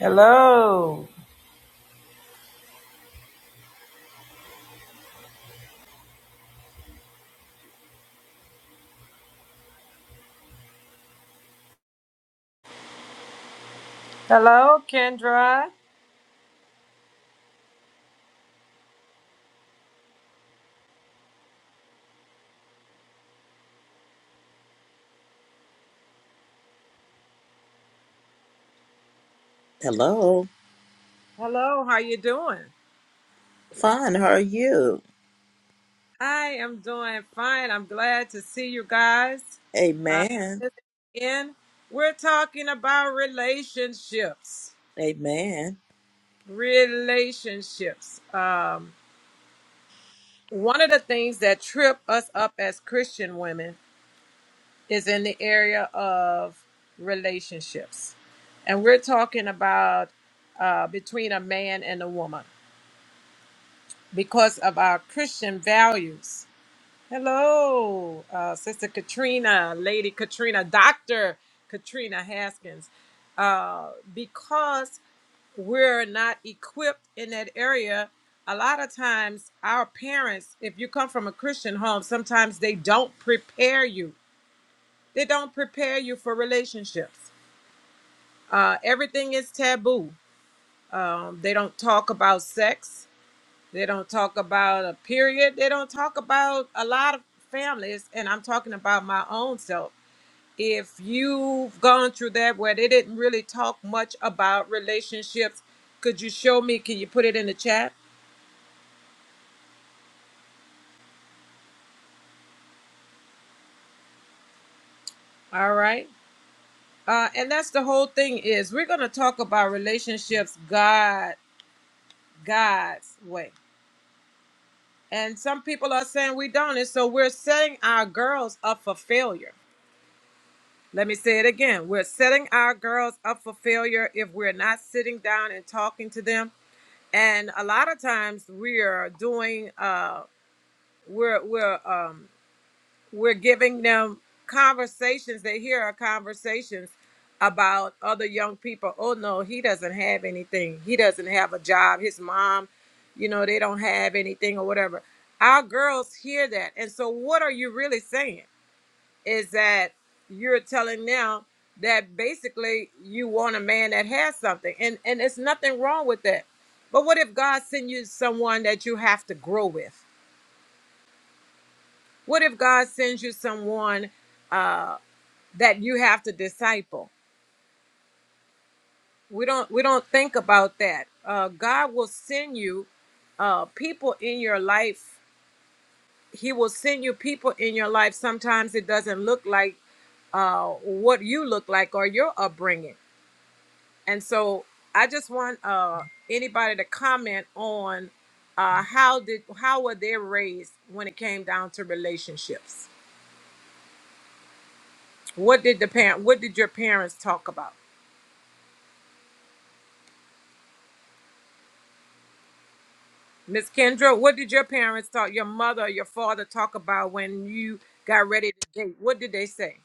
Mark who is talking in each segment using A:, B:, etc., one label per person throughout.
A: Hello. Hello, Kendra.
B: Hello.
A: Hello, how you doing?
B: Fine. How are you?
A: I am doing fine. I'm glad to see you guys. Uh,
B: Amen.
A: this again, we're talking about relationships.
B: Amen.
A: Relationships. Um, one of the things that trip us up as Christian women is in the area of relationships. And we're talking about uh, between a man and a woman because of our Christian values Hello, uh, Sister Katrina, Lady Katrina, Dr. Katrina Haskins. Uh, because we're not equipped in that area, a lot of times our parents, if you come from a Christian home, sometimes they don't prepare you. They don't prepare you for relationships. Uh, everything is taboo. Um, they don't talk about sex. They don't talk about a period. They don't talk about a lot of families, and I'm talking about my own self. If you've gone through that where they didn't really talk much about relationships, could you show me? Can you put it in the chat? All right. Uh, and that's the whole thing is we're going to talk about relationships God, God's way. And some people are saying we don't. And so we're setting our girls up for failure Let me say it again. We're setting our girls up for failure if we're not sitting down and talking to them. And a lot of times we're doing uh we're we're um we're giving them conversations. They hear our conversations about other young people. Oh no, he doesn't have anything. He doesn't have a job. His mom, you know, they don't have anything or whatever. Our girls hear that. And so what are you really saying? is that you're telling them that basically you want a man that has something and and it's nothing wrong with that but what if god sends you someone that you have to grow with what if god sends you someone uh that you have to disciple we don't we don't think about that uh god will send you uh people in your life he will send you people in your life sometimes it doesn't look like uh what you look like or your upbringing And so I just want uh, anybody to comment on uh, how did how were they raised when it came down to relationships? What did the parent what did your parents talk about? Miss Kendra, what did your parents talk your mother or your father talk about when you got ready to date? What did they say?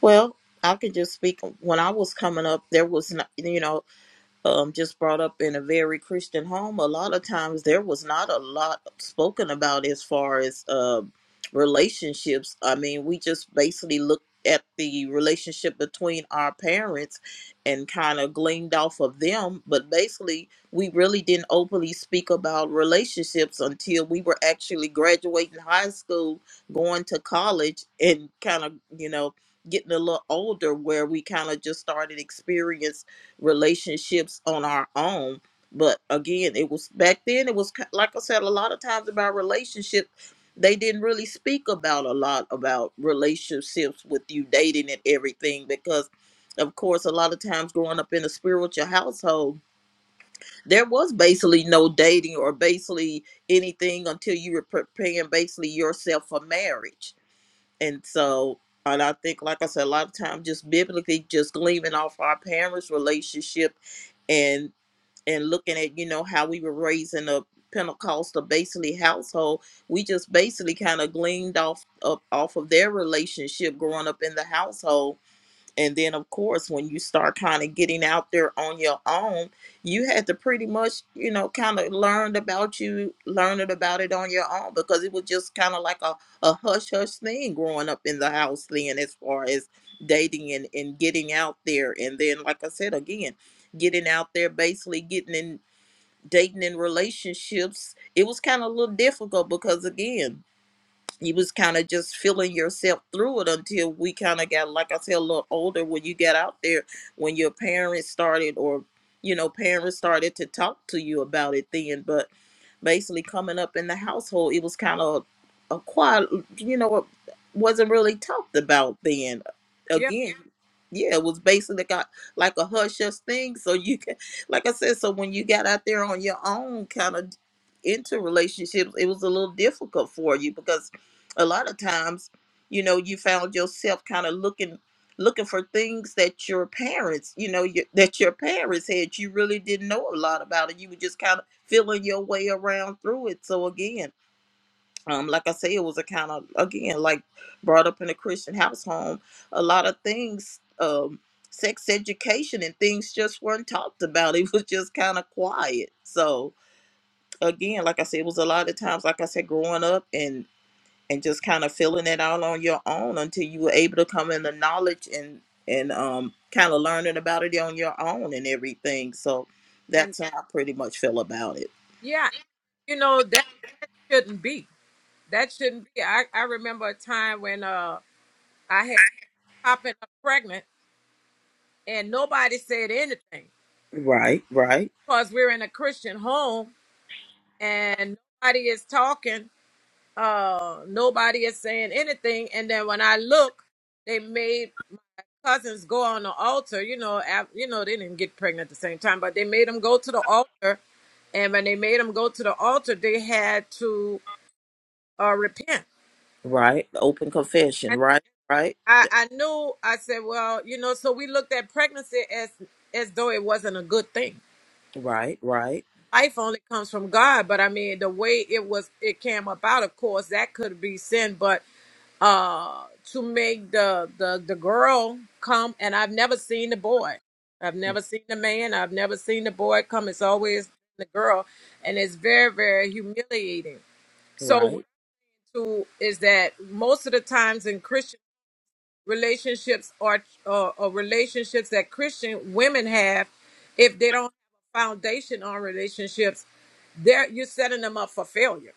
B: Well, I could just speak. When I was coming up, there was not. you know. um, just brought up in a very Christian home, a lot of times there was not a lot spoken about as far as uh, relationships. I mean, we just basically looked at the relationship between our parents and kind of gleaned off of them, but basically we really didn't openly speak about relationships until we were actually graduating high school, going to college, and kind of, you know, getting a little older where we kind of just started experience relationships on our own. But again, it was back then, it was ki- like I said, a lot of times about relationships, they didn't really speak about a lot about relationships with you dating and everything because. Of course, a lot of times growing up in a spiritual household, there was basically no dating or basically anything until you were preparing basically yourself for marriage and so, and I think, like I said, a lot of times just biblically, just gleaming off our parents' relationship and and looking at you know how we were raised in a Pentecostal basically household, we just basically kind of gleaned off of, off of their relationship growing up in the household and then, of course, when you start kind of getting out there on your own, you had to pretty much, you know, kind of learned about you, learning about it on your own because it was just kind of like a, a hush hush thing growing up in the house then, as far as dating and, and getting out there. And then, like I said, again, getting out there, basically getting in dating in relationships, it was kind of a little difficult because, again, you was kind of just feeling yourself through it until we kind of got like i said a little older when you got out there when your parents started or you know parents started to talk to you about it then but basically coming up in the household it was kind of a quiet you know it wasn't really talked about then
A: Yeah.
B: again yeah it was basically got like a hush hush thing so you can like i said so when you got out there on your own kind of into relationships it was a little difficult for you because a lot of times you know you found yourself kind of looking looking for things that your parents you know your, that your parents had you really didn't know a lot about it. you were just kind of feeling your way around through it so again um, like I say, it was a kind of again like brought up in a Christian house home. A lot of things, um, sex education and things just weren't talked about. It was just kind of quiet. So again, like I said, it was a lot of times, like I said, growing up and and just kind of filling it out on your own until you were able to come in the knowledge and and um kind of learning about it on your own and everything. So
A: And
B: that's how I pretty much feel about it.
A: yeah, you know, that shouldn't be. That shouldn't be. I, I remember a time when uh I had popping up pregnant and nobody said anything.
B: Right, right,
A: because we're in a Christian home and nobody is talking, uh, nobody is saying anything. And then when I look, they made cousins go on the altar. You know, af- you know they didn't get pregnant at the same time, but they made them go to the altar. And when they made them go to the altar, they had to uh, repent.
B: right. Open confession.
A: And
B: Right, right,
A: I, I knew. I said, well, you know. So we looked at pregnancy as as though it wasn't a good thing
B: right, right,
A: life only comes from God. But I mean, the way it was, it came about. Of course, that could be sin, but uh, to make the the the girl come, and I've never seen the boy. I've never seen the man. I've never seen the boy come. It's always the girl, and it's very very humiliating. So what
B: right,
A: I do is that most of the times in Christian relationships or, or, or relationships that Christian women have, if they don't have a foundation on relationships, they're, you're setting them up for failure.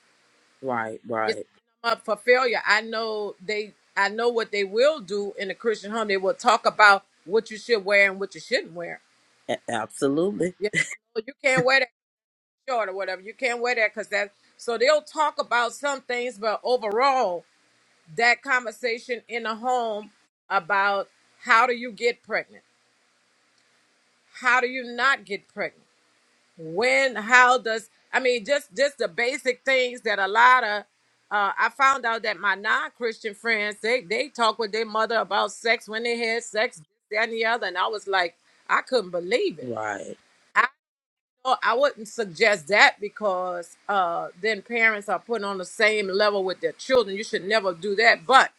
B: right,
A: You're
B: right.
A: setting them up for failure. I know they, I know what they will do in a Christian home. They will talk about what you should wear and what you shouldn't wear.
B: A- absolutely.
A: You know, you can't wear that short or whatever. You can't wear that because that. So they'll talk about some things, but overall, that conversation in a home about how do you get pregnant how do you not get pregnant when how does i mean just just the basic things that a lot of uh, i found out that my non-christian friends they they talk with their mother about sex when they had sex that and the other and i was like i couldn't believe it
B: Right.
A: i i wouldn't suggest that because uh then parents are put on the same level with their children you should never do that but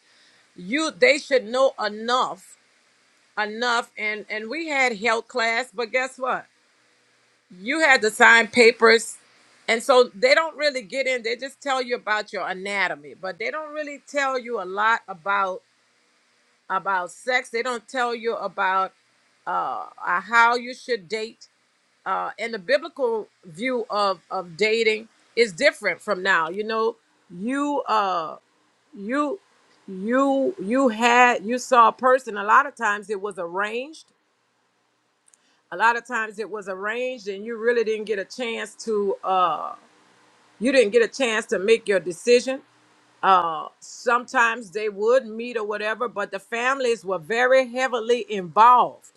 A: you they should know enough enough and and we had health class but guess what you had to sign papers and so they don't really get in they just tell you about your anatomy but they don't really tell you a lot about about sex they don't tell you about uh, uh, how you should date uh, and the biblical view of of dating is different from now you know you uh you you you had you saw a person a lot of times it was arranged a lot of times it was arranged and you really didn't get a chance to uh. you didn't get a chance to make your decision. Uh, sometimes they would meet or whatever, but the families were very heavily involved.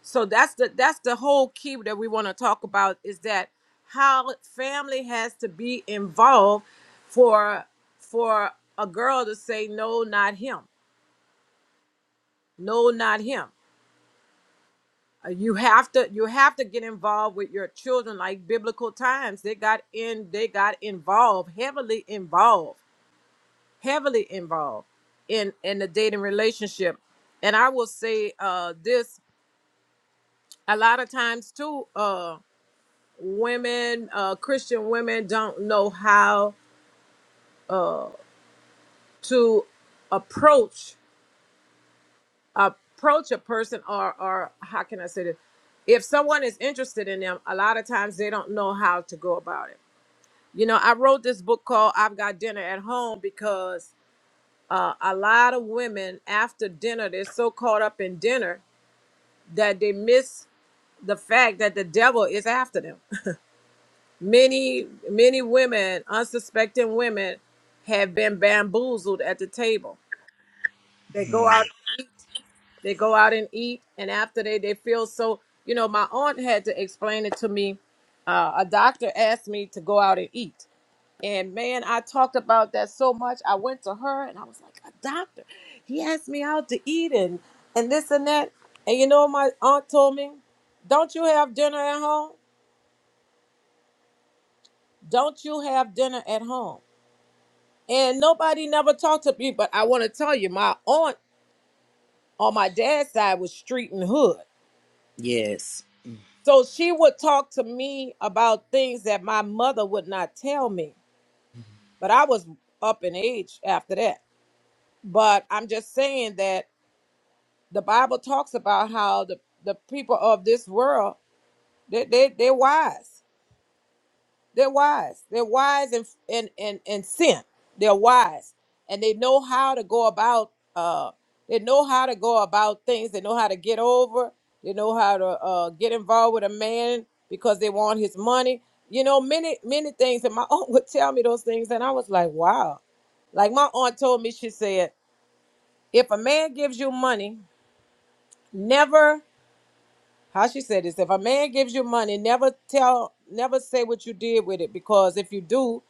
A: So that's the that's the whole key that we want to talk about is that how family has to be involved for for a girl to say no, not him, no, not him. Uh, You have to you have to get involved with your children like biblical times. They got in they got involved heavily involved heavily involved in in the dating relationship and i will say uh this a lot of times too uh women uh christian women don't know how to approach approach a person or or how can i say this if someone is interested in them a lot of times they don't know how to go about it you know i wrote this book called i've got dinner at home because uh, a lot of women after dinner they're so caught up in dinner that they miss the fact that the devil is after them. Many, many women, unsuspecting women, have been bamboozled at the table. They go
B: Mhm.
A: out and eat. They go out and eat, and after they, they feel so. You know, my aunt had to explain it to me. Uh, a doctor asked me to go out and eat. And man, I talked about that so much. I went to her and I was like, a doctor. He asked me out to eat and, and this and that. And you know, what my aunt told me, don't you have dinner at home? Don't you have dinner at home? And nobody never talked to me, but I want to tell you, my aunt on my dad's side was street and hood.
B: Yes,
A: So she would talk to me about things that my mother would not tell me. But I was up in age after that. But I'm just saying that the Bible talks about how the, the people of this world, they, they, they're wise. They're wise. They're wise in in in, in sin. They're wise, and they know how to go about. Uh, they know how to go about things. They know how to get over. They know how to uh, get involved with a man because they want his money. You know, many many things. And my aunt would tell me those things, and I was like, wow. Like my aunt told me, she said, if a man gives you money, never how she said this if a man gives you money never tell never say what you did with it because if you do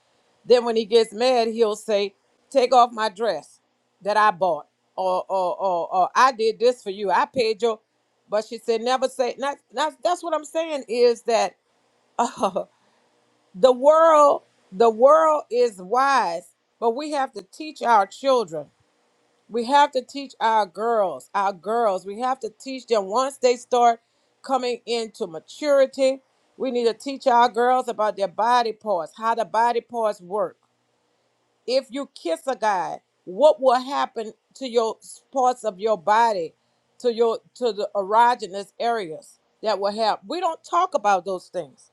A: then when he gets mad he'll say take off my dress that i bought or or or, or i did this for you i paid your but she said never say not, not that's what i'm saying is that uh, the world the world is wise but we have to teach our children we have to teach our girls, our girls, we have to teach them once they start coming into maturity. We need to teach our girls about their body parts, how the body parts work. If you kiss a guy, what will happen to your s- parts of your body, to your to the erogenous areas that will help? We don't talk about those things.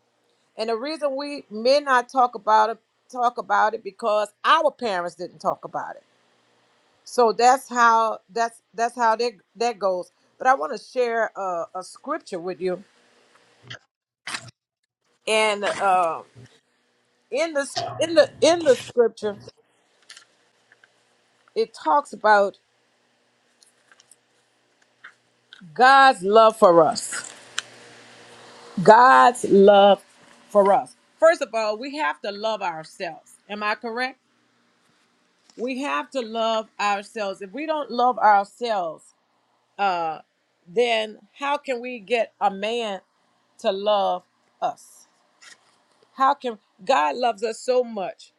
A: And the reason we men not talk about it, talk about it because our parents didn't talk about it so that's how that's that's how that that goes. But I want to share a, a scripture with you, and uh, in this in the in the scripture, it talks about God's love for us. God's love for us. First of all, we have to love ourselves. Am I correct? We have to love ourselves. If we don't love ourselves, uh, then how can we get a man to love us? How can God loves us so much?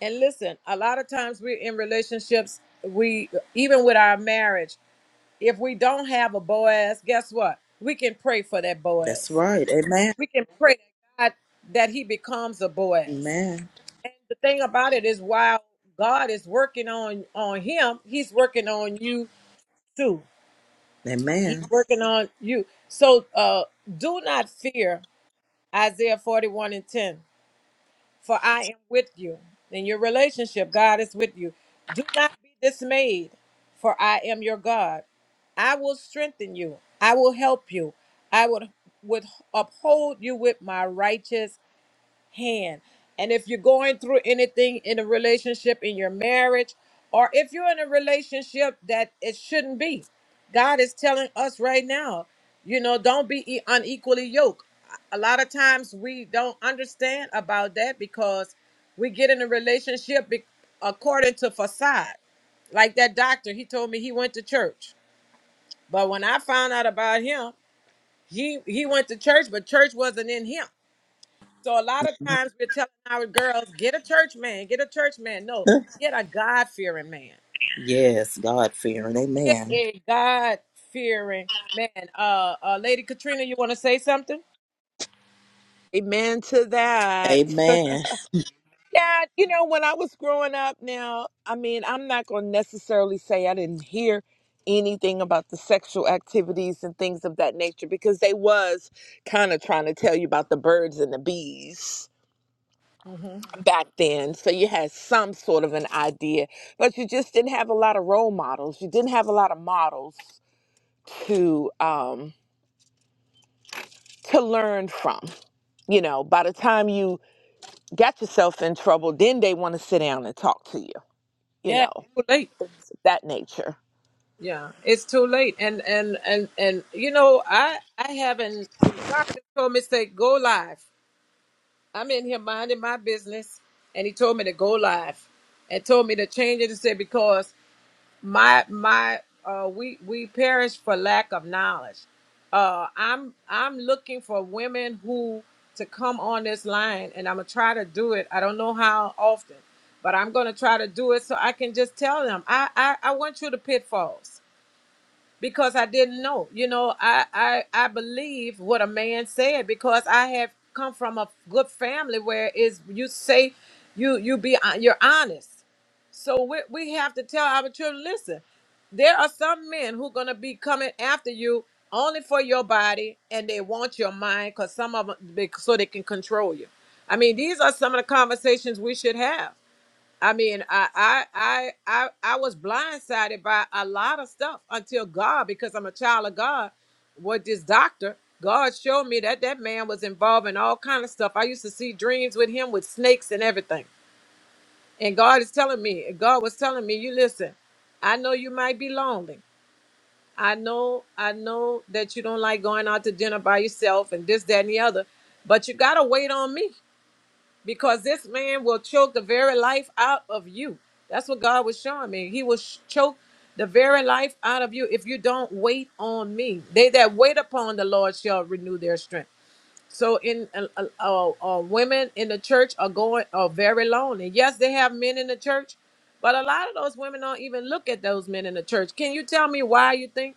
A: And listen, a lot of times we're in relationships, we even with our marriage, if we don't have a Boaz, guess what? We can pray for that
B: that's
A: Boaz.
B: right. Amen.
A: We can pray that God that he becomes a Boaz.
B: Amen.
A: And the thing about it is while God is working on on him, he's working on you too. He's
B: Amen.
A: working on you. So uh do not fear Isaiah 41 and 10. for I am with you. In your relationship, God is with you. Do not be dismayed, for I am your God. I will strengthen you. I will help you. I would would uphold you with my righteous hand. And if you're going through anything in a relationship, in your marriage, or if you're in a relationship that it shouldn't be, God is telling us right now, you know, don't be e- unequally yoked. A lot of times we don't understand about that because we get in a relationship be- according to facade. Like that doctor, he told me he went to church. But when I found out about him, he he went to church, but church wasn't in him. So a lot of times we're telling our girls, get a church man, get a church man. No, get a God fearing man.
B: yes, God fearing.
A: Get
B: Amen.
A: a God fearing man. Uh, uh, Lady Katrina, you want to say something?
C: Amen to that.
B: Amen.
C: yeah, you know, when I was growing up now, I mean, I'm not going to necessarily say I didn't hear anything about the sexual activities and things of that nature because they was kind of trying to tell you about the birds and the bees
A: hmm
C: back then. So you had some sort of an idea, but you just didn't have a lot of role models. You didn't have a lot of models to um to learn from. You know, by the time you got yourself in trouble, then they want to sit down and talk to you, you
A: Yeah,
C: know,
A: too late.
C: things of that nature.
A: Yeah, it's too late. And and and and you know, I I haven't. God just told me to say, go live. I'm in here minding my business, and He told me to go live, and told me to change it and say because. my my uh we we perish for lack of knowledge uh i'm i'm looking for women who to come on this line and i'm gonna try to do it i don't know how often but i'm gonna try to do it so i can just tell them i i, I went through the pitfalls because I didn't know. You know, I I I believe what a man said because I have come from a good family where is you say you you be hon- you're honest. So we we have to tell our children, listen, there are some men who gonna be coming after you only for your body and they want your mind because some of them so they can control you. I mean, these are some of the conversations we should have I mean, I, I, I, I, I was blindsided by a lot of stuff until God, because I'm a child of God. With this doctor, God showed me that that man was involved in all kind of stuff. I used to see dreams with him with snakes and everything. And God is telling me, God was telling me, you listen. I know you might be lonely. I know, I know that you don't like going out to dinner by yourself and this, that, and the other. But you gotta wait on me because this man will choke the very life out of you. That's what God was showing me. He will sh- choke the very life out of you if you don't wait on me. They that wait upon the Lord shall renew their strength. So, in uh, uh, uh, uh, women in the church are going are very lonely. Yes, they have men in the church, but a lot of those women don't even look at those men in the church. Can you tell me why you think?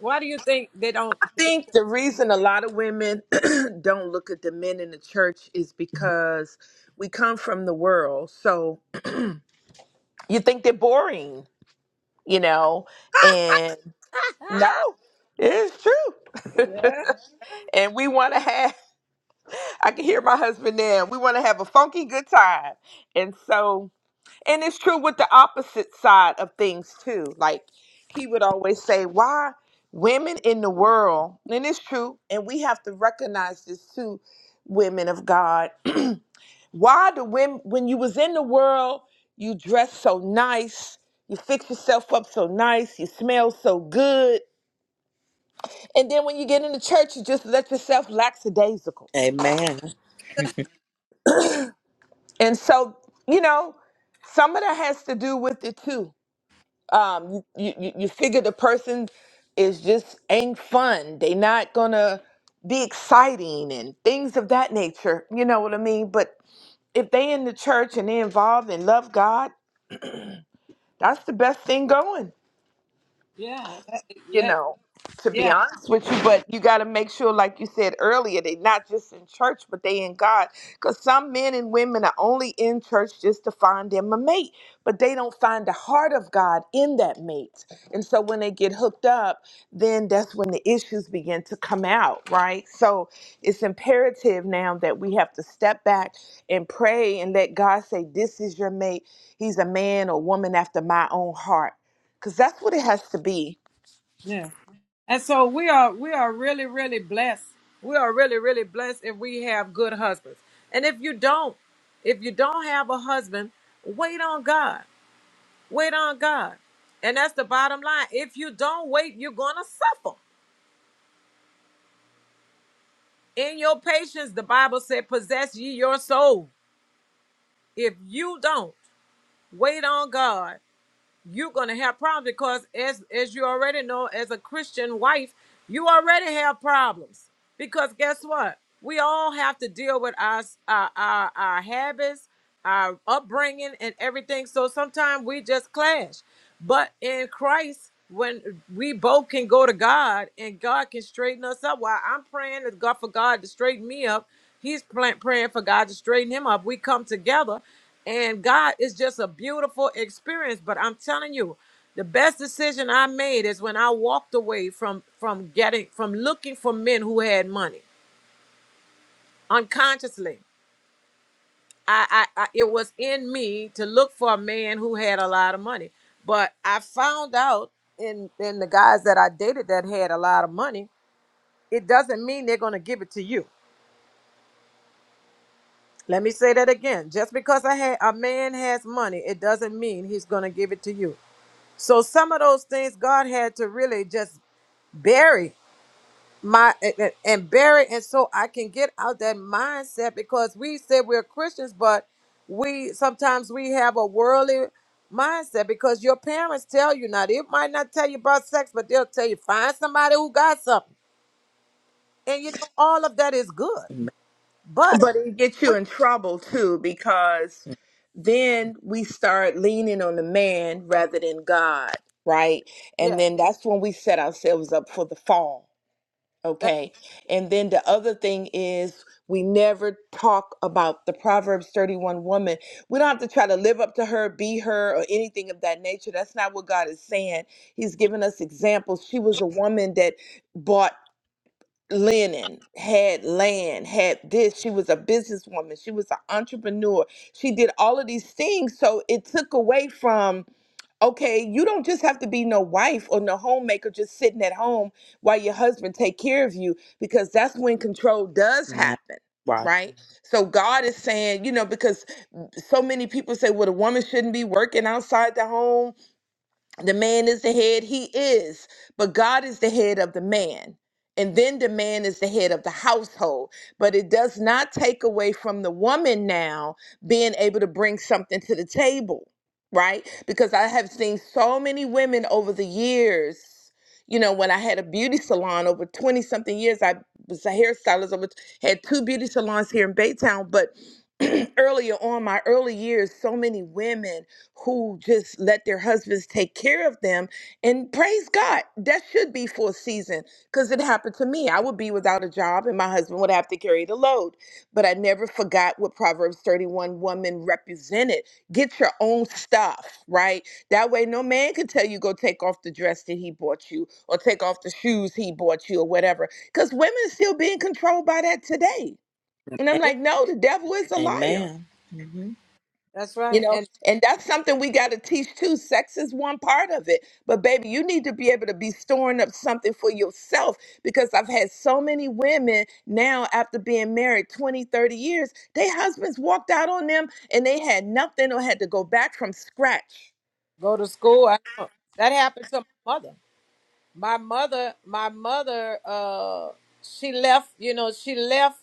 A: Why do you think they don't?
C: I
A: They,
C: think the reason a lot of women don't look at the men in the church is because we come from the world. So you think they're boring, you know, and no, it's true.
A: yeah,
C: and we want to have, I can hear my husband now, we want to have a funky good time. And so And it's true with the opposite side of things too. Like he would always say, why women in the world, and it's true, and we have to recognize this too, women of God. Why the women when you was in the world, you dress so nice, you fix yourself up so nice, you smell so good. And then when you get into church, you just let yourself lackadaisical.
B: Amen.
C: And so, you know, some of that has to do with it too um you, you you you figure the person is just ain't fun they not gonna be exciting and things of that nature you know what i mean but if they in the church and they involved and love god that's the best thing going
A: yeah, that-
C: you
A: yeah,
C: know, to be
A: yeah.
C: honest with you, but you got to make sure, like you said earlier, they not just in church, but they in God. Because some men and women are only in church just to find them a mate, but they don't find the heart of God in that mate. And so when they get hooked up, then that's when the issues begin to come out, right? So it's imperative now that we have to step back and pray and let God say, This is your mate. He's a man or woman after my own heart. Because that's what it has to be
A: Yeah. And so we are we are really really blessed. We are really really blessed if we have good husbands. And if you don't, if you don't have a husband, wait on God. Wait on God. And that's the bottom line. If you don't wait, you're going to suffer. In your patience, the Bible said, possess ye your soul. If you don't wait on God, you're gonna have problems because as as you already know, as a Christian wife, you already have problems. Because guess what? We all have to deal with our our our, our habits, our upbringing, and everything. So sometimes we just clash. But in Christ, when we both can go to God and God can straighten us up, while I'm praying to God for God to straighten me up, He's pla- praying for God to straighten him up. We come together and God is just a beautiful experience. But I'm telling you, the best decision I made is when I walked away from from getting from looking for men who had money unconsciously. I, I, I it was in me to look for a man who had a lot of money. But I found out in in the guys that I dated that had a lot of money, it doesn't mean they're gonna give it to you. Let me say that again. Just because I had a man has money, it doesn't mean he's gonna give it to you. So some of those things God had to really just bury my and and bury and so I can get out that mindset because we say we're Christians, but we sometimes we have a worldly mindset because your parents tell you now they might not tell you about sex, but they'll tell you find somebody who got something. And you know, all of that is good. But
C: But it gets you
A: we
C: in trouble too because then we start leaning on the man rather than God, right? And
A: yeah,
C: then that's when we set ourselves up for the fall,
A: that,
C: okay? And then the other thing is we never talk about the Proverbs 31 woman. We don't have to try to live up to her, be her, or anything of that nature. That's not what God is saying. He's giving us examples. She was a woman that bought linen, had land, had this. She was a businesswoman. She was an entrepreneur. She did all of these things. So it took away from, okay, you don't just have to be no wife or no homemaker just sitting at home while your husband take care of you because that's when control does
B: Amen.
C: happen.
B: Right.
C: Right. So God is saying, you know, because so many people say, well, the woman shouldn't be working outside the home. The man is the head, he is, but God is the head of the man. And then the man is the head of the household. But it does not take away from the woman now being able to bring something to the table, right? Because I have seen so many women over the years. You know, when I had a beauty salon over 20 something years, I was a hairstylist, over, had two beauty salons here in Baytown. But earlier on, my early years, so many women who just let their husbands take care of them and praise God. That should be for a season because it happened to me. I would be without a job and my husband would have to carry the load. But I never forgot what Proverbs 31 woman represented. Get your own stuff, right? That way no man can tell you go take off the dress that he bought you or take off the shoes he bought you or whatever. Because women still being controlled by that today. And I'm
A: yeah,
C: like, no, the devil is a liar
B: Amen. Mm-hmm.
A: that's
C: you
A: right.
C: know
A: And
C: and that's something we got to teach too sex is one part of it but baby you need to be able to be storing up something for yourself because i've had so many women now after being married 20, 30 years their husbands walked out on them and they had nothing or had to go back from scratch
A: go to school. I know that happened to my mother. my mother my mother uh she left you know she left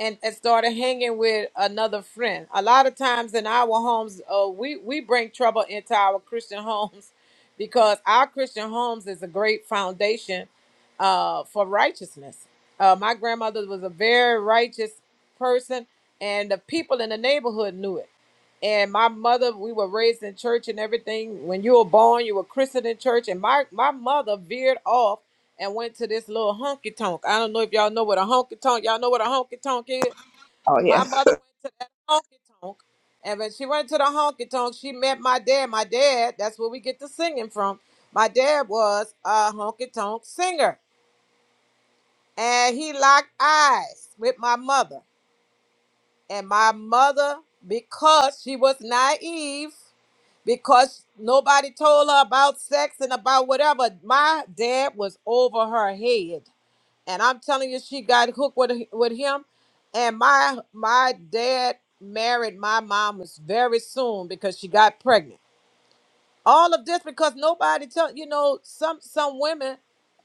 A: and, and started hanging with another friend a lot of times in our homes uh we we bring trouble into our christian homes because our christian homes is a great foundation uh for righteousness uh my grandmother was a very righteous person and the people in the neighborhood knew it and my mother we were raised in church and everything when you were born you were christened in church and my my mother veered off and went to this little honky tonk i don't know if y'all know what a honky tonk y'all know what a honky tonk is
C: Oh,
A: my
C: yeah.
A: mother went to that honky tonk and when she went to the honky tonk she met my dad my dad that's where we get the singing from my dad was a honky tonk singer and he locked eyes with my mother and my mother because she was naive because nobody told her about sex and about whatever. My dad was over her head, and I'm telling you, she got hooked with with him. And my my dad married my mom was very soon because she got pregnant all of this because nobody tell you know some some women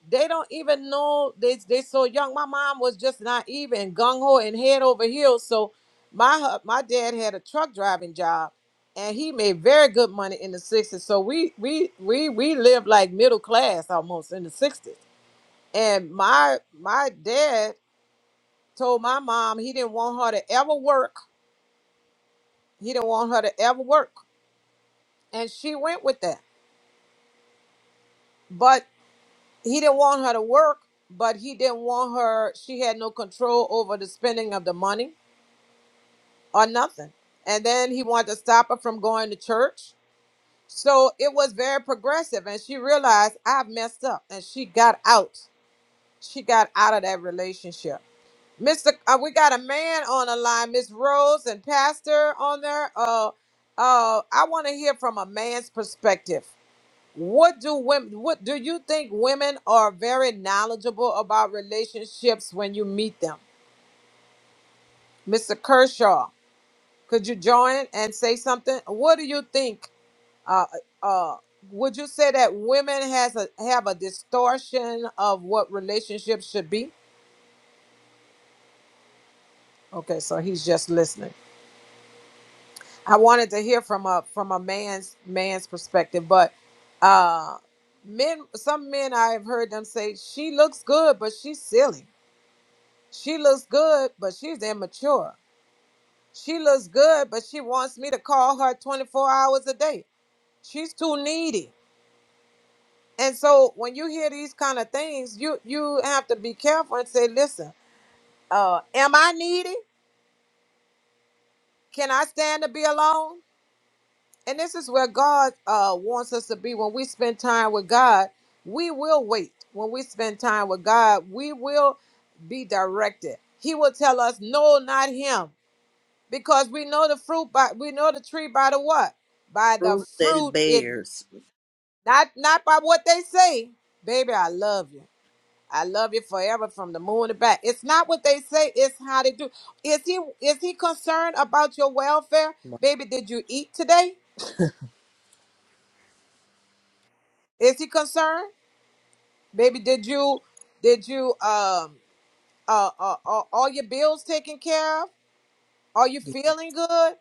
A: they don't even know they they so young my mom was just naive and gung-ho and head over heels so my hu- my dad had a truck driving job and he made very good money in the 60s so we we we we lived like middle class almost in the 60s and my my dad told my mom he didn't want her to ever work he didn't want her to ever work and she went with that But he didn't want her to work, but he didn't want her. She had no control over the spending of the money or nothing. And then he wanted to stop her from going to church. So it was very progressive. And she realized I've messed up and she got out. She got out of that relationship. Mr. Uh, we got a man on the line, Miss Rose and Pastor on there. Uh, uh, I want to hear from a man's perspective. What do women what do you think women are very knowledgeable about relationships when you meet them? Mr. Kershaw, could you join and say something? What do you think uh uh uh, would you say that women has a have a distortion of what relationships should be? Okay, so he's just listening. I wanted to hear from a from a man's man's perspective, but uh men some men I've heard them say she looks good, but she's silly She looks good, but she's immature. She looks good, but she wants me to call her 24 hours a day. She's too needy. And so when you hear these kind of things, you you have to be careful and say, listen, uh, am I needy? Can I stand to be alone? And this is where God uh, wants us to be. When we spend time with God, we will wait. When we spend time with God, we will be directed. He will tell us, no, not him because we know the fruit by we know the tree by the what by the
B: Fruit that it
A: fruit it
B: bears.
A: not not by what they say baby i love you i love you forever from the moon to back it's not what they say it's how they do is he is he concerned about your welfare baby did you eat today is he concerned baby did you did you um uh, uh, uh all your bills taken care of are you feeling good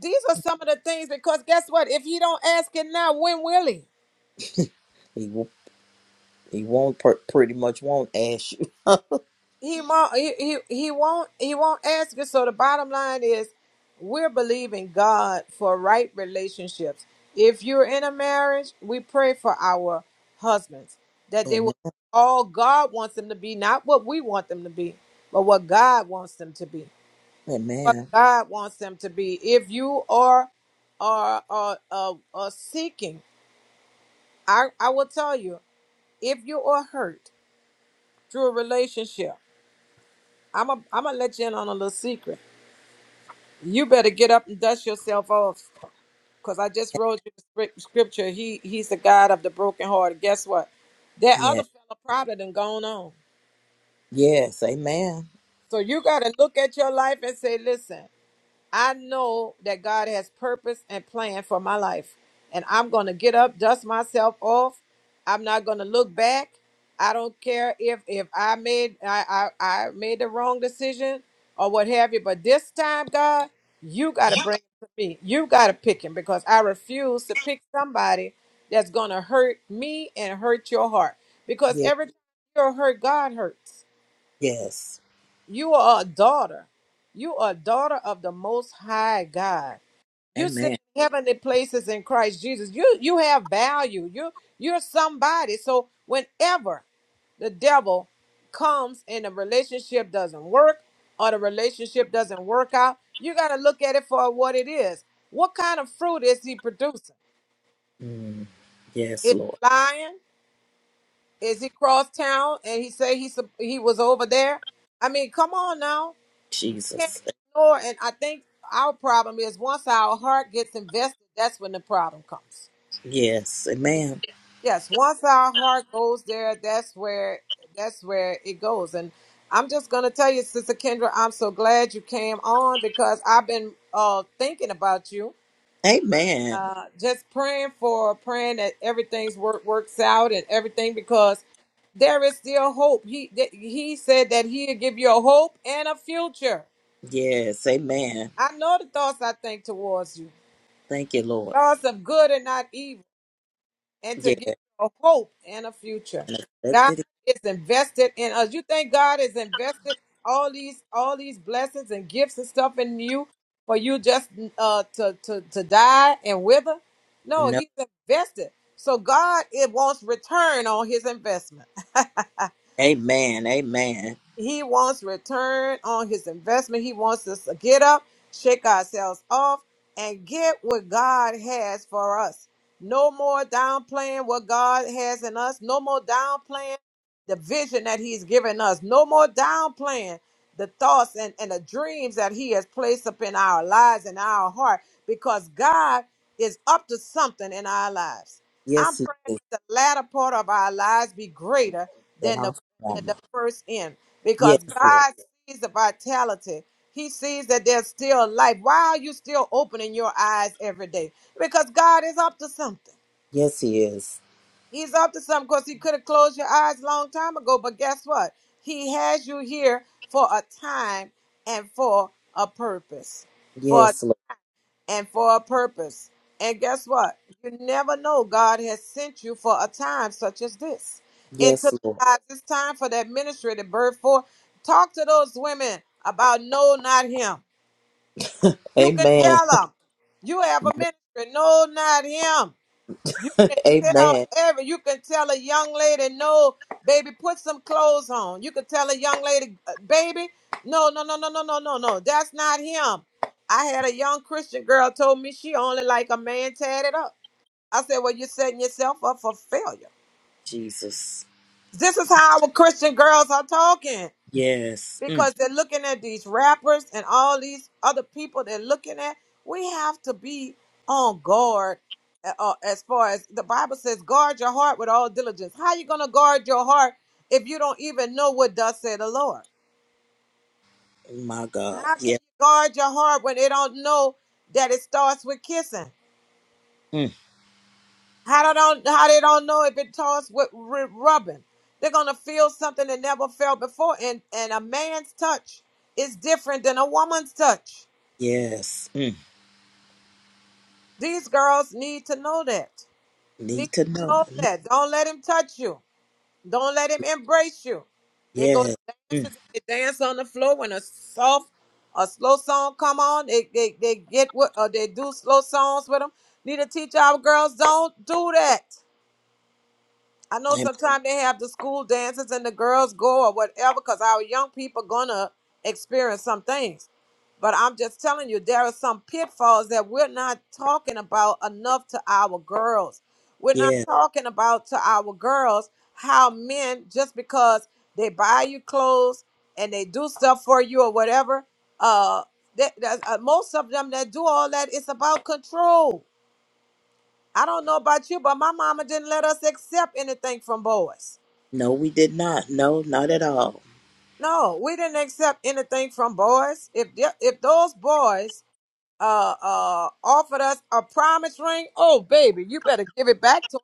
A: these are some of the things because guess what if you don't ask it now when will he
B: He will. He won't pr- pretty much won't ask you.
A: he won't he, he, he won't he won't ask it so the bottom line is we're believing god for right relationships if you're in a marriage we pray for our husbands that they
B: Amen.
A: will all god wants them to be not what we want them to be but what god wants them to be what
B: Amen.
A: god wants them to be if you are are are, are, are seeking i i will tell you if you are hurt through a relationship i'm a, i'm gonna let you in on a little secret You better get up and dust yourself off, because I just wrote you the scrip- scripture. He He's the God of the broken heart. Guess what? That
B: Yeah.
A: other fella probably done gone on.
B: Yes. Amen.
A: So you got to look at your life and say, listen. I know that God has purpose and plan for my life. And I'm going to get up, dust myself off. I'm not going to look back. I don't care if if I made I, I I made the wrong decision or what have you, but this time, God, you got to
B: Yeah.
A: bring him to me. You got to pick him because I refuse to pick somebody that's going to hurt me and hurt your heart. Because
B: Yes.
A: every time you're hurt, God hurts.
B: Yes.
A: You are a daughter. You are a daughter of the Most High God you sit
B: Amen.
A: in heavenly places in Christ Jesus. You you have value. You you're somebody. So whenever the devil comes and the relationship doesn't work or the relationship doesn't work out, you got to look at it for what it is. What kind of fruit is he producing?
B: Mm. Yes,
A: Is
B: Lord
A: he lying? Is he cross town and he say he sup- he was over there? I mean, come on now. Can't
B: Jesus.
A: ignore. And I think our problem is once our heart gets invested, that's when the problem comes.
B: Yes. Amen.
A: Yes, once our heart goes there, that's where that's where it goes. And I'm just gonna tell you, Sister Kendra, I'm so glad you came on because I've been uh thinking about you.
B: Amen.
A: Uh just praying for praying that everything's work works out and everything because there is still hope. He that- he said that he'll give you a hope and a future.
B: Yes. Amen.
A: I know the thoughts I think towards you.
B: Thank you, Lord.
A: Thoughts of good and not evil. and to
B: Yeah.
A: give you a hope and a future.
B: Let
A: God
B: it.
A: is invested in us. You think God is invested all these all these blessings and gifts and stuff in you for you just uh to to to die and wither? No,
B: No.
A: he's invested. So God it wants return on his investment.
B: Amen. Amen.
A: He wants return on his investment. He wants us to get up, shake ourselves off, and get what God has for us. No more downplaying what God has in us. No more downplaying the vision that He's given us. No more downplaying the thoughts and, and the dreams that He has placed up in our lives and our heart because God is up to something in our lives. I'm
B: Yes, he
A: praying
B: is.
A: that the latter part of our lives be greater
B: That
A: than the
B: awful
A: at the first end
B: Yes,
A: because
B: Lord.
A: God sees the vitality. He sees that there's still life. Why are you still opening your eyes every day? Because God is up to something.
B: Yes, He is.
A: He's up to something because He could have closed your eyes a long time ago. But guess what? He has you here for a time and for a purpose. For a
B: Yes, Lord.
A: and for a purpose. And guess what? You never know. God has sent you for a time such as this. Into
B: Yes, Lord.
A: the lives, it's time for that ministry to birth forth. Talk to those women about no, not him. You can
B: Amen.
A: tell them you have a ministry. No, not him. You can tell
B: Amen.
A: every. You can tell a young lady, no, baby, put some clothes on. You can tell a young lady, uh, baby, no, no, no, no, no, no, no, no. That's not him. I had a young Christian girl told me she only like a man tatted up. I said, well, you're setting yourself up for failure.
B: Jesus.
A: This is how our Christian girls are talking
B: Yes. Mm.
A: because they're looking at these rappers and all these other people they're looking at. We have to be on guard uh, uh, as far as the Bible says, guard your heart with all diligence. How you going to guard your heart if you don't even know what does say the Lord?
B: Oh, My God.
A: How can you
B: Yes.
A: guard your heart when they don't know that it starts with kissing?
B: Mm.
A: How they don't how they don't know if it starts with r- rubbing? They're gonna feel something they never felt before, and and a man's touch is different than a woman's touch.
B: Yes. Mm.
A: These girls need to know that. Need
B: Need to
A: to
B: know.
A: know that. Don't let him touch you. Don't let him embrace you. They go to
B: Yes. Mm.
A: dances and they dance on the floor when a soft, a slow song come on. They they, they get what or they do slow songs with them. Need to teach our girls don't do that. I know
B: Am-
A: sometimes they have the school dances and the girls go or whatever because our young people gonna experience some things. But I'm just telling you, there are some pitfalls that we're not talking about enough to our girls. We're not
B: Yes.
A: talking about to our girls how men just because they buy you clothes and they do stuff for you or whatever. Uh, that, that, uh, most of them that do all that, it's about control. I don't know about you, but my mama didn't let us accept anything from boys.
B: No, we did not. No, not at all.
A: No, we didn't accept anything from boys. If the- if those boys uh uh offered us a promise ring, oh baby, you better give it back to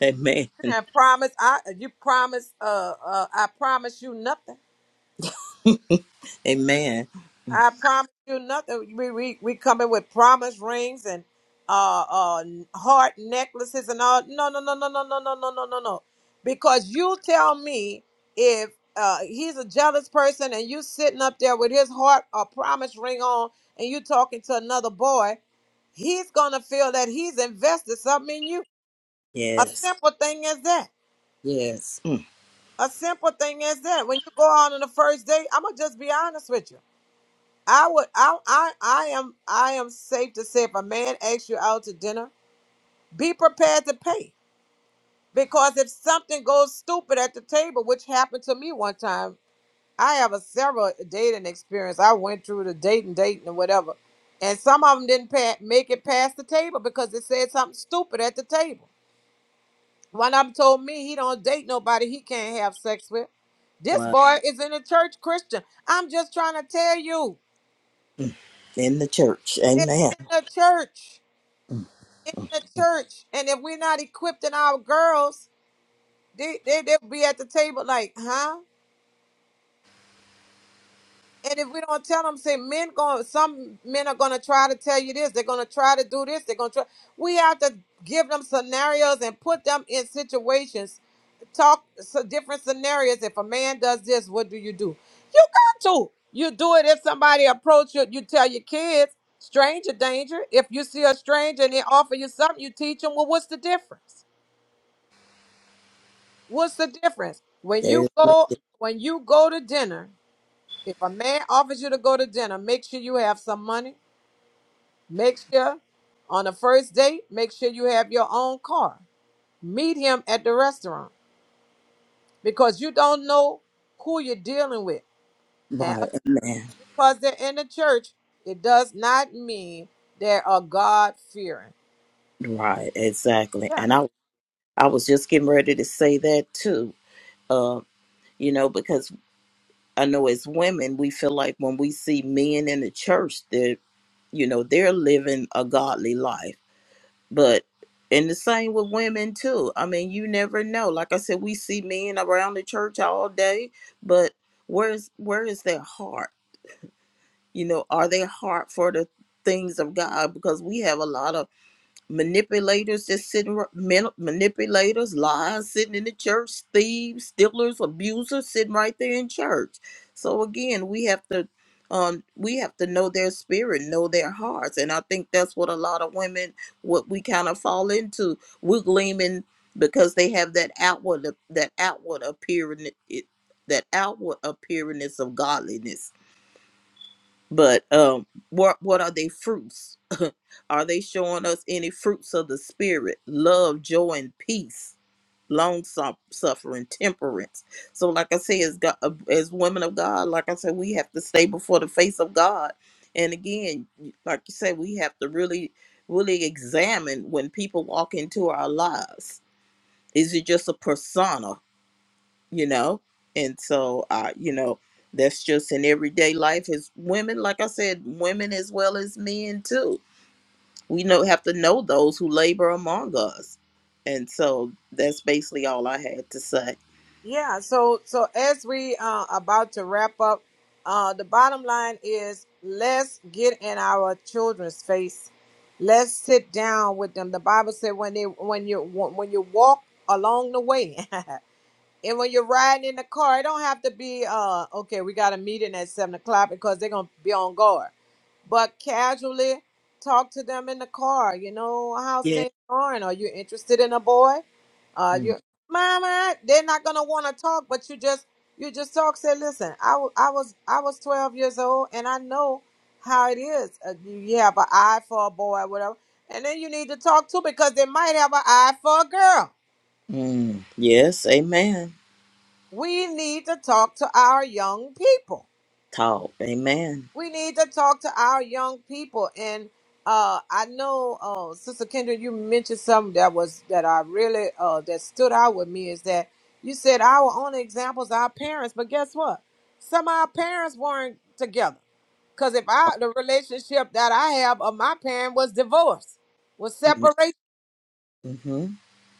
B: Amen.
A: them and promise I you promise uh uh I promise you nothing.
B: Amen.
A: I promise you nothing. We we we coming with promise rings and uh uh heart necklaces and all. No no no no no no no no no no no. Because you tell me if uh he's a jealous person and you sitting up there with his heart a promise ring on and you talking to another boy, he's gonna feel that he's invested something in you. A
B: Yes.
A: simple thing as that.
B: Yes. Mm.
A: A simple thing as that. When you go out on the first date, I'm gonna just be honest with you. I would I I I am I am safe to say if a man asks you out to dinner, be prepared to pay. Because if something goes stupid at the table, which happened to me one time, I have a several dating experience. I went through the dating, dating, and whatever, and some of them didn't pa- make it past the table because they said something stupid at the table. One of them told me he don't date nobody he can't have sex with. This
B: Wow.
A: boy is in a church Christian. I'm just trying to tell you,
B: Mm. In the church.
A: it's
B: Amen.
A: in the church.
B: Mm.
A: in the church, and if we're not equipping our girls, they, they they'll be at the table like, huh? And if we don't tell them, say men going, some men are gonna try to tell you this. They're gonna try to do this. They're gonna try. We have to give them scenarios and put them in situations. Talk so different scenarios. If a man does this, what do you do? You got to. You do it if somebody approach you. You tell your kids, stranger danger. If you see a stranger and they offer you something, you teach them. Well, what's the difference? What's the difference? When you
B: There's
A: go
B: nothing.
A: when you go to dinner, if a man offers you to go to dinner, make sure you have some money. Make sure on the first date, make sure you have your own car. Meet him at the restaurant because you don't know who you're dealing with. And
B: right. Amen.
A: because they're in the church, it does not mean they are God fearing.
B: Right. Exactly.
A: Yeah.
B: And I I was just getting ready to say that too. Uh, you know, because I know as women, we feel like when we see men in the church, they're, you know, they're living a godly life. But, and the same with women too. I mean, you never know. Like I said, we see men around the church all day, but where's, where is their heart? You know, are they heart for the things of God? Because we have a lot of manipulators that's sitting ri- men- manipulators lies sitting in the church thieves stealers abusers sitting right there in church so again we have to um we have to know their spirit know their hearts and i think that's what a lot of women what we kind of fall into we're gleaming because they have that outward that outward appearance, that outward appearance of godliness but um what what are they fruits are they showing us any fruits of the spirit? Love, joy, and peace, long su- suffering, temperance. So, like I say, as God, as women of God, like I said, we have to stay before the face of God. And again, like you said, we have to really, really examine when people walk into our lives. Is it just a persona, you know? And so, uh, you know, that's just in everyday life. As women, like I said, women as well as men too we know have to know those who labor among us. And so that's basically all I had to say.
A: Yeah, so so as we uh about to wrap up, uh the bottom line is let's get in our children's face. Let's sit down with them. The Bible said when they when you when you walk along the way and when you're riding in the car, it don't have to be uh okay, we got a meeting at seven o'clock because they're gonna be on guard but casually talk to them in the car. You know how's things going? Are you interested in a boy? Uh, you, mama, they're not gonna want to talk, but you just you just talk. Say, listen, I, wa- I was I was twelve years old, and I know how it is. Uh, you you have an eye for a boy, whatever, and then you need to talk too because they might have an eye for a girl.
B: Mm, yes, amen.
A: We need to talk to our young people
B: Talk, amen.
A: we need to talk to our young people and uh i know uh sister kendra you mentioned something that was that i really uh that stood out with me is that you said our only examples are our parents but guess what some of our parents weren't together because if i the relationship that i have of my parent was divorce was
B: Mm,
A: separation
B: Mm-hmm.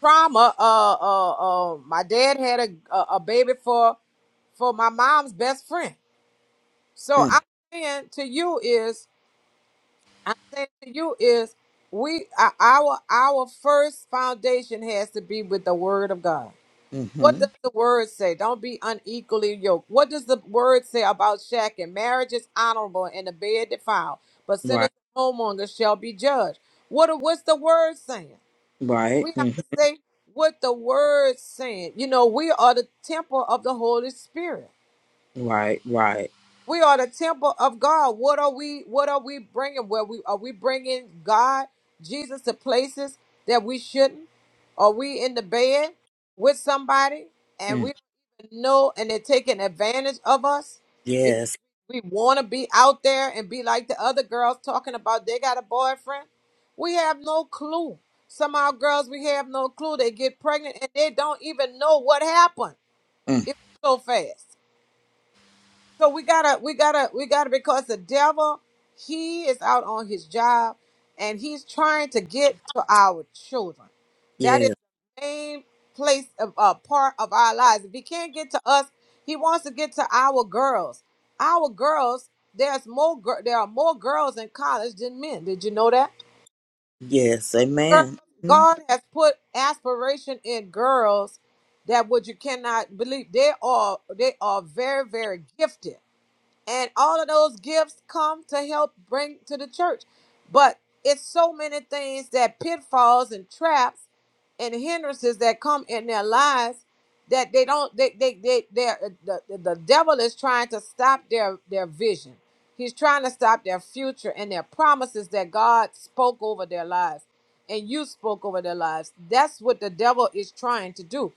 A: trauma uh uh, uh my dad had a, a a baby for for my mom's best friend so
B: mm,
A: i'm saying to you is I'm saying to you is we our our our first foundation has to be with the word of God. What
B: Mm-hmm.
A: does the word say? Don't be unequally yoked. What does the word say about shacking? Marriage is honorable and the bed defiled, but sinners
B: Right,
A: and homemongers shall be judged. What what's the word saying?
B: right,
A: We have
B: mm,
A: to say what the word saying. You know, we are the temple of the Holy Spirit.
B: right, right.
A: We are the temple of God. What are we? What are we bringing? Where we are we bringing God, Jesus, to places that we shouldn't? Are we in the bed with somebody and
B: Mm,
A: we don't even know, and they're taking advantage of us because
B: yes,
A: we want to be out there and be like the other girls talking about they got a boyfriend? We have no clue. Some of our girls, we have no clue. They get pregnant and they don't even know what happened.
B: mm,
A: It was so fast. So we gotta, we gotta, we gotta, because the devil, he is out on his job and he's trying to get to our children. That is
B: yes,
A: the main place of uh, part of our lives. If he can't get to us, he wants to get to our girls. Our girls, there's more, gir- there are more girls in college than men. Did you know that?
B: yes,
A: Girl,
B: amen. Mm,
A: God has put aspiration in girls that what you cannot believe. They are, they are very, very gifted and all of those gifts come to help bring to the church but it's so many things that pitfalls and traps and hindrances that come in their lives that they don't they they they they're- the, the the devil is trying to stop their their vision he's trying to stop their future and their promises that god spoke over their lives and you spoke over their lives that's what the devil is trying to do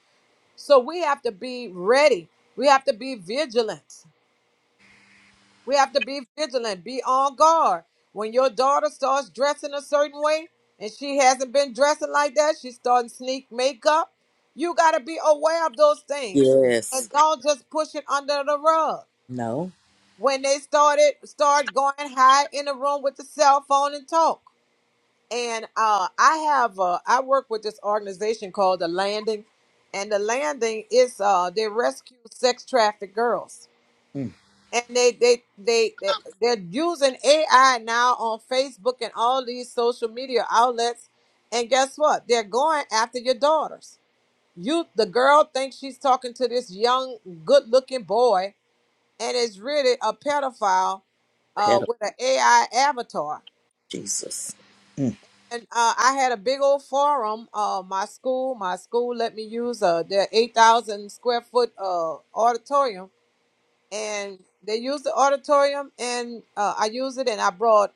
A: so we have to be ready we have to be vigilant we have to be vigilant, be on guard. When your daughter starts dressing a certain way and she hasn't been dressing like that, she's starting to sneak makeup. You got to be aware of those things
B: yes,
A: and don't just push it under the rug.
B: no,
A: When they started, start going high in the room with the cell phone and talk. And uh, I have, uh, I work with this organization called The Landing, and The Landing is uh, they rescue sex trafficked girls
B: mm,
A: and they they they, they they're using AI now on Facebook and all these social media outlets. And guess what? They're going after your daughters. You the girl thinks she's talking to this young, good-looking boy, and it's really a pedophile uh,
B: pedal,
A: with an AI avatar.
B: Jesus. Mm,
A: And uh, I had a big old forum. Uh, my school, my school let me use uh, their 8,000 square foot uh, auditorium and they used the auditorium and uh, I used it and I brought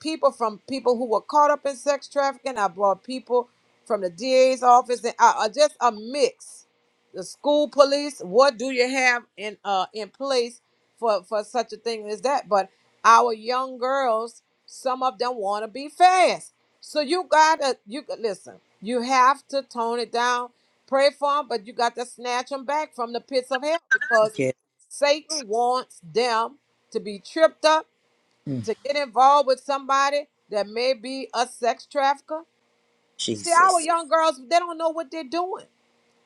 A: people from people who were caught up in sex trafficking. I brought people from the DA's office, and I, I just a mix. The school police. What do you have in uh in place for for such a thing as that? But our young girls, some of them want to be fast. So you gotta you listen. You have to tone it down. Pray for them, but you got to snatch them back from the pits of hell because
B: yes,
A: Satan wants them to be tripped up
B: mm,
A: to get involved with somebody that may be a sex trafficker. See, our
B: Jesus.
A: young girls, they don't know what they're doing.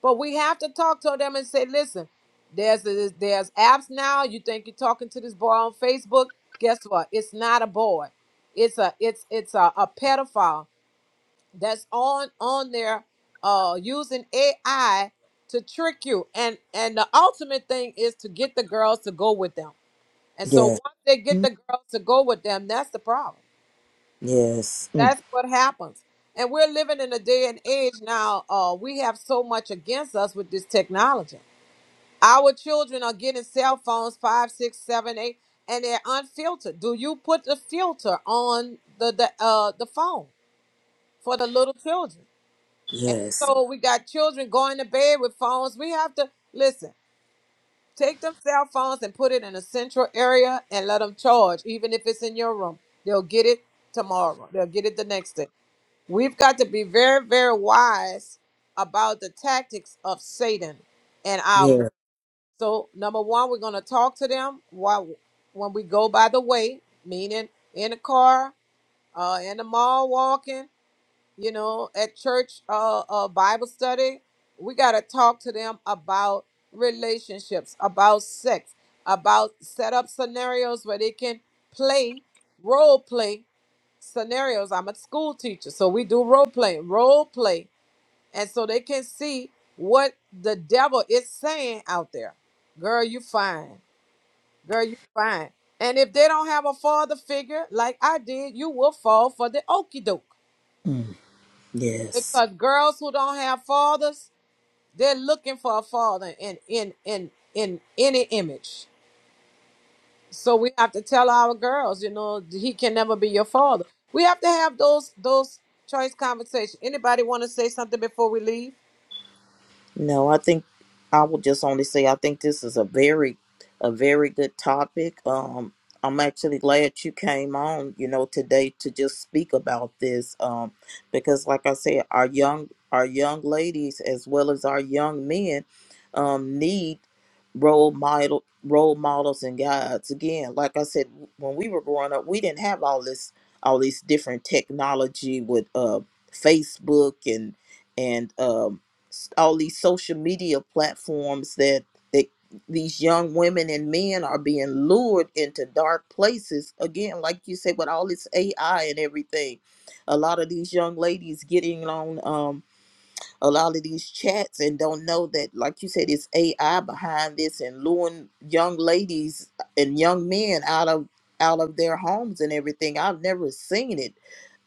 A: But we have to talk to them and say, listen, there's this, there's apps now. You think you're talking to this boy on Facebook? Guess what? It's not a boy. It's a it's it's a, a pedophile that's on on there uh using AI to trick you. And and the ultimate thing is to get the girls to go with them. And so
B: Yes,
A: once they get
B: mm,
A: the girls to go with them, that's the problem.
B: yes, mm,
A: That's what happens. And we're living in a day and age now, uh, we have so much against us with this technology. Our children are getting cell phones, five, six, seven, eight, and they're unfiltered. Do you put the filter on the, the uh the phone for the little children? And
B: yes,
A: so we got children going to bed with phones. We have to listen, take them cell phones and put it in a central area and let them charge, even if it's in your room. They'll get it tomorrow. They'll get it the next day. We've got to be very, very wise about the tactics of Satan and our girls.
B: yes,
A: So, number one, we're going to talk to them while when we go by the way, meaning in the car, uh, in the mall, walking, you know, at church, uh, uh, Bible study. We got to talk to them about relationships, about sex, about set up scenarios where they can play role play scenarios. I'm a school teacher, so we do role playing, role play, and so they can see what the devil is saying out there. Girl, you fine. Girl, you fine. And if they don't have a father figure like I did, you will fall for the okey doke.
B: mm, yes.
A: Because girls who don't have fathers, they're looking for a father in in in in any image. So we have to tell our girls, you know, he can never be your father. We have to have those those choice conversations. Anybody want to say something before we leave?
B: No, I think I will just only say I think this is a very, a very good topic. Um, I'm actually glad you came on, you know, today to just speak about this. Um, because like I said, our young, our young ladies as well as our young men, um, need role model role models and guides again like i said when we were growing up we didn't have all this all these different technology with uh facebook and and um s- all these social media platforms that that these young women and men are being lured into dark places again like you said with all this ai and everything a lot of these young ladies getting on um, a lot of these chats and don't know that, like you said, it's AI behind this and luring young ladies and young men out of out of their homes and everything. I've never seen it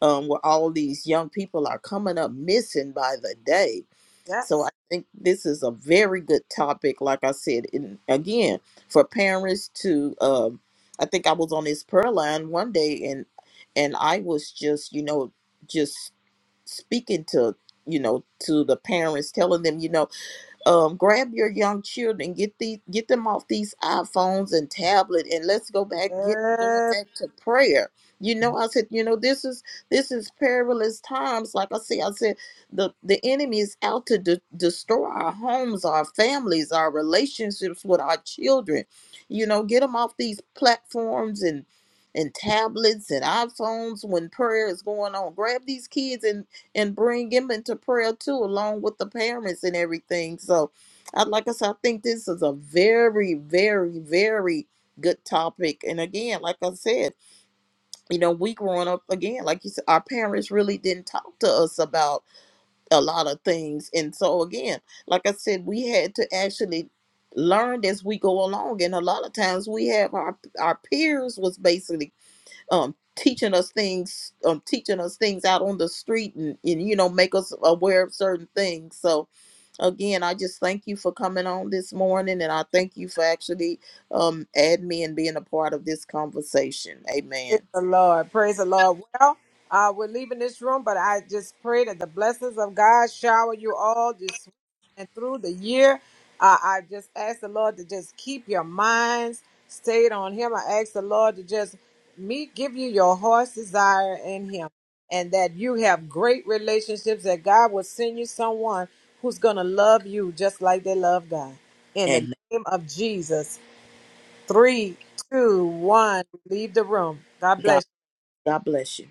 B: um, where all these young people are coming up missing by the day. So I
A: Yes.
B: think this is a very good topic, like I said, and again for parents to. Um, I think I was on this prayer line one day and and I was just, you know, just speaking to you know to the parents telling them you know um grab your young children get the get them off these iphones and tablet and let's go back get going back to prayer you know i said you know this is this is perilous times like i said i said the the enemy is out to de- destroy our homes our families our relationships with our children you know get them off these platforms and and tablets and iPhones when prayer is going on. Grab these kids and and bring him into prayer too, along with the parents and everything. So, I, like I said, I think this is a very, very, very good topic. And again, like I said, you know, we growing up again, like you said, our parents really didn't talk to us about a lot of things. And so, again, like I said, we had to actually learn as we go along and a lot of times we have our our peers was basically um teaching us things um teaching us things out on the street and, and you know make us aware of certain things so again i just thank you for coming on this morning and i thank you for actually um adding me and being a part of this conversation
A: Praise
B: amen
A: the Lord. Praise the Lord. Well, uh, we're leaving this room, but I just pray that the blessings of God shower you all this week and through the year. Uh, I just ask the Lord to just keep your minds stayed on Him. I ask the Lord to just me give you your heart's desire in Him, and that you have great relationships. That God will send you someone who's gonna love you just like they love God. In the
B: and
A: name of Jesus. Three, two, one. Leave the room. God bless.
B: god god bless you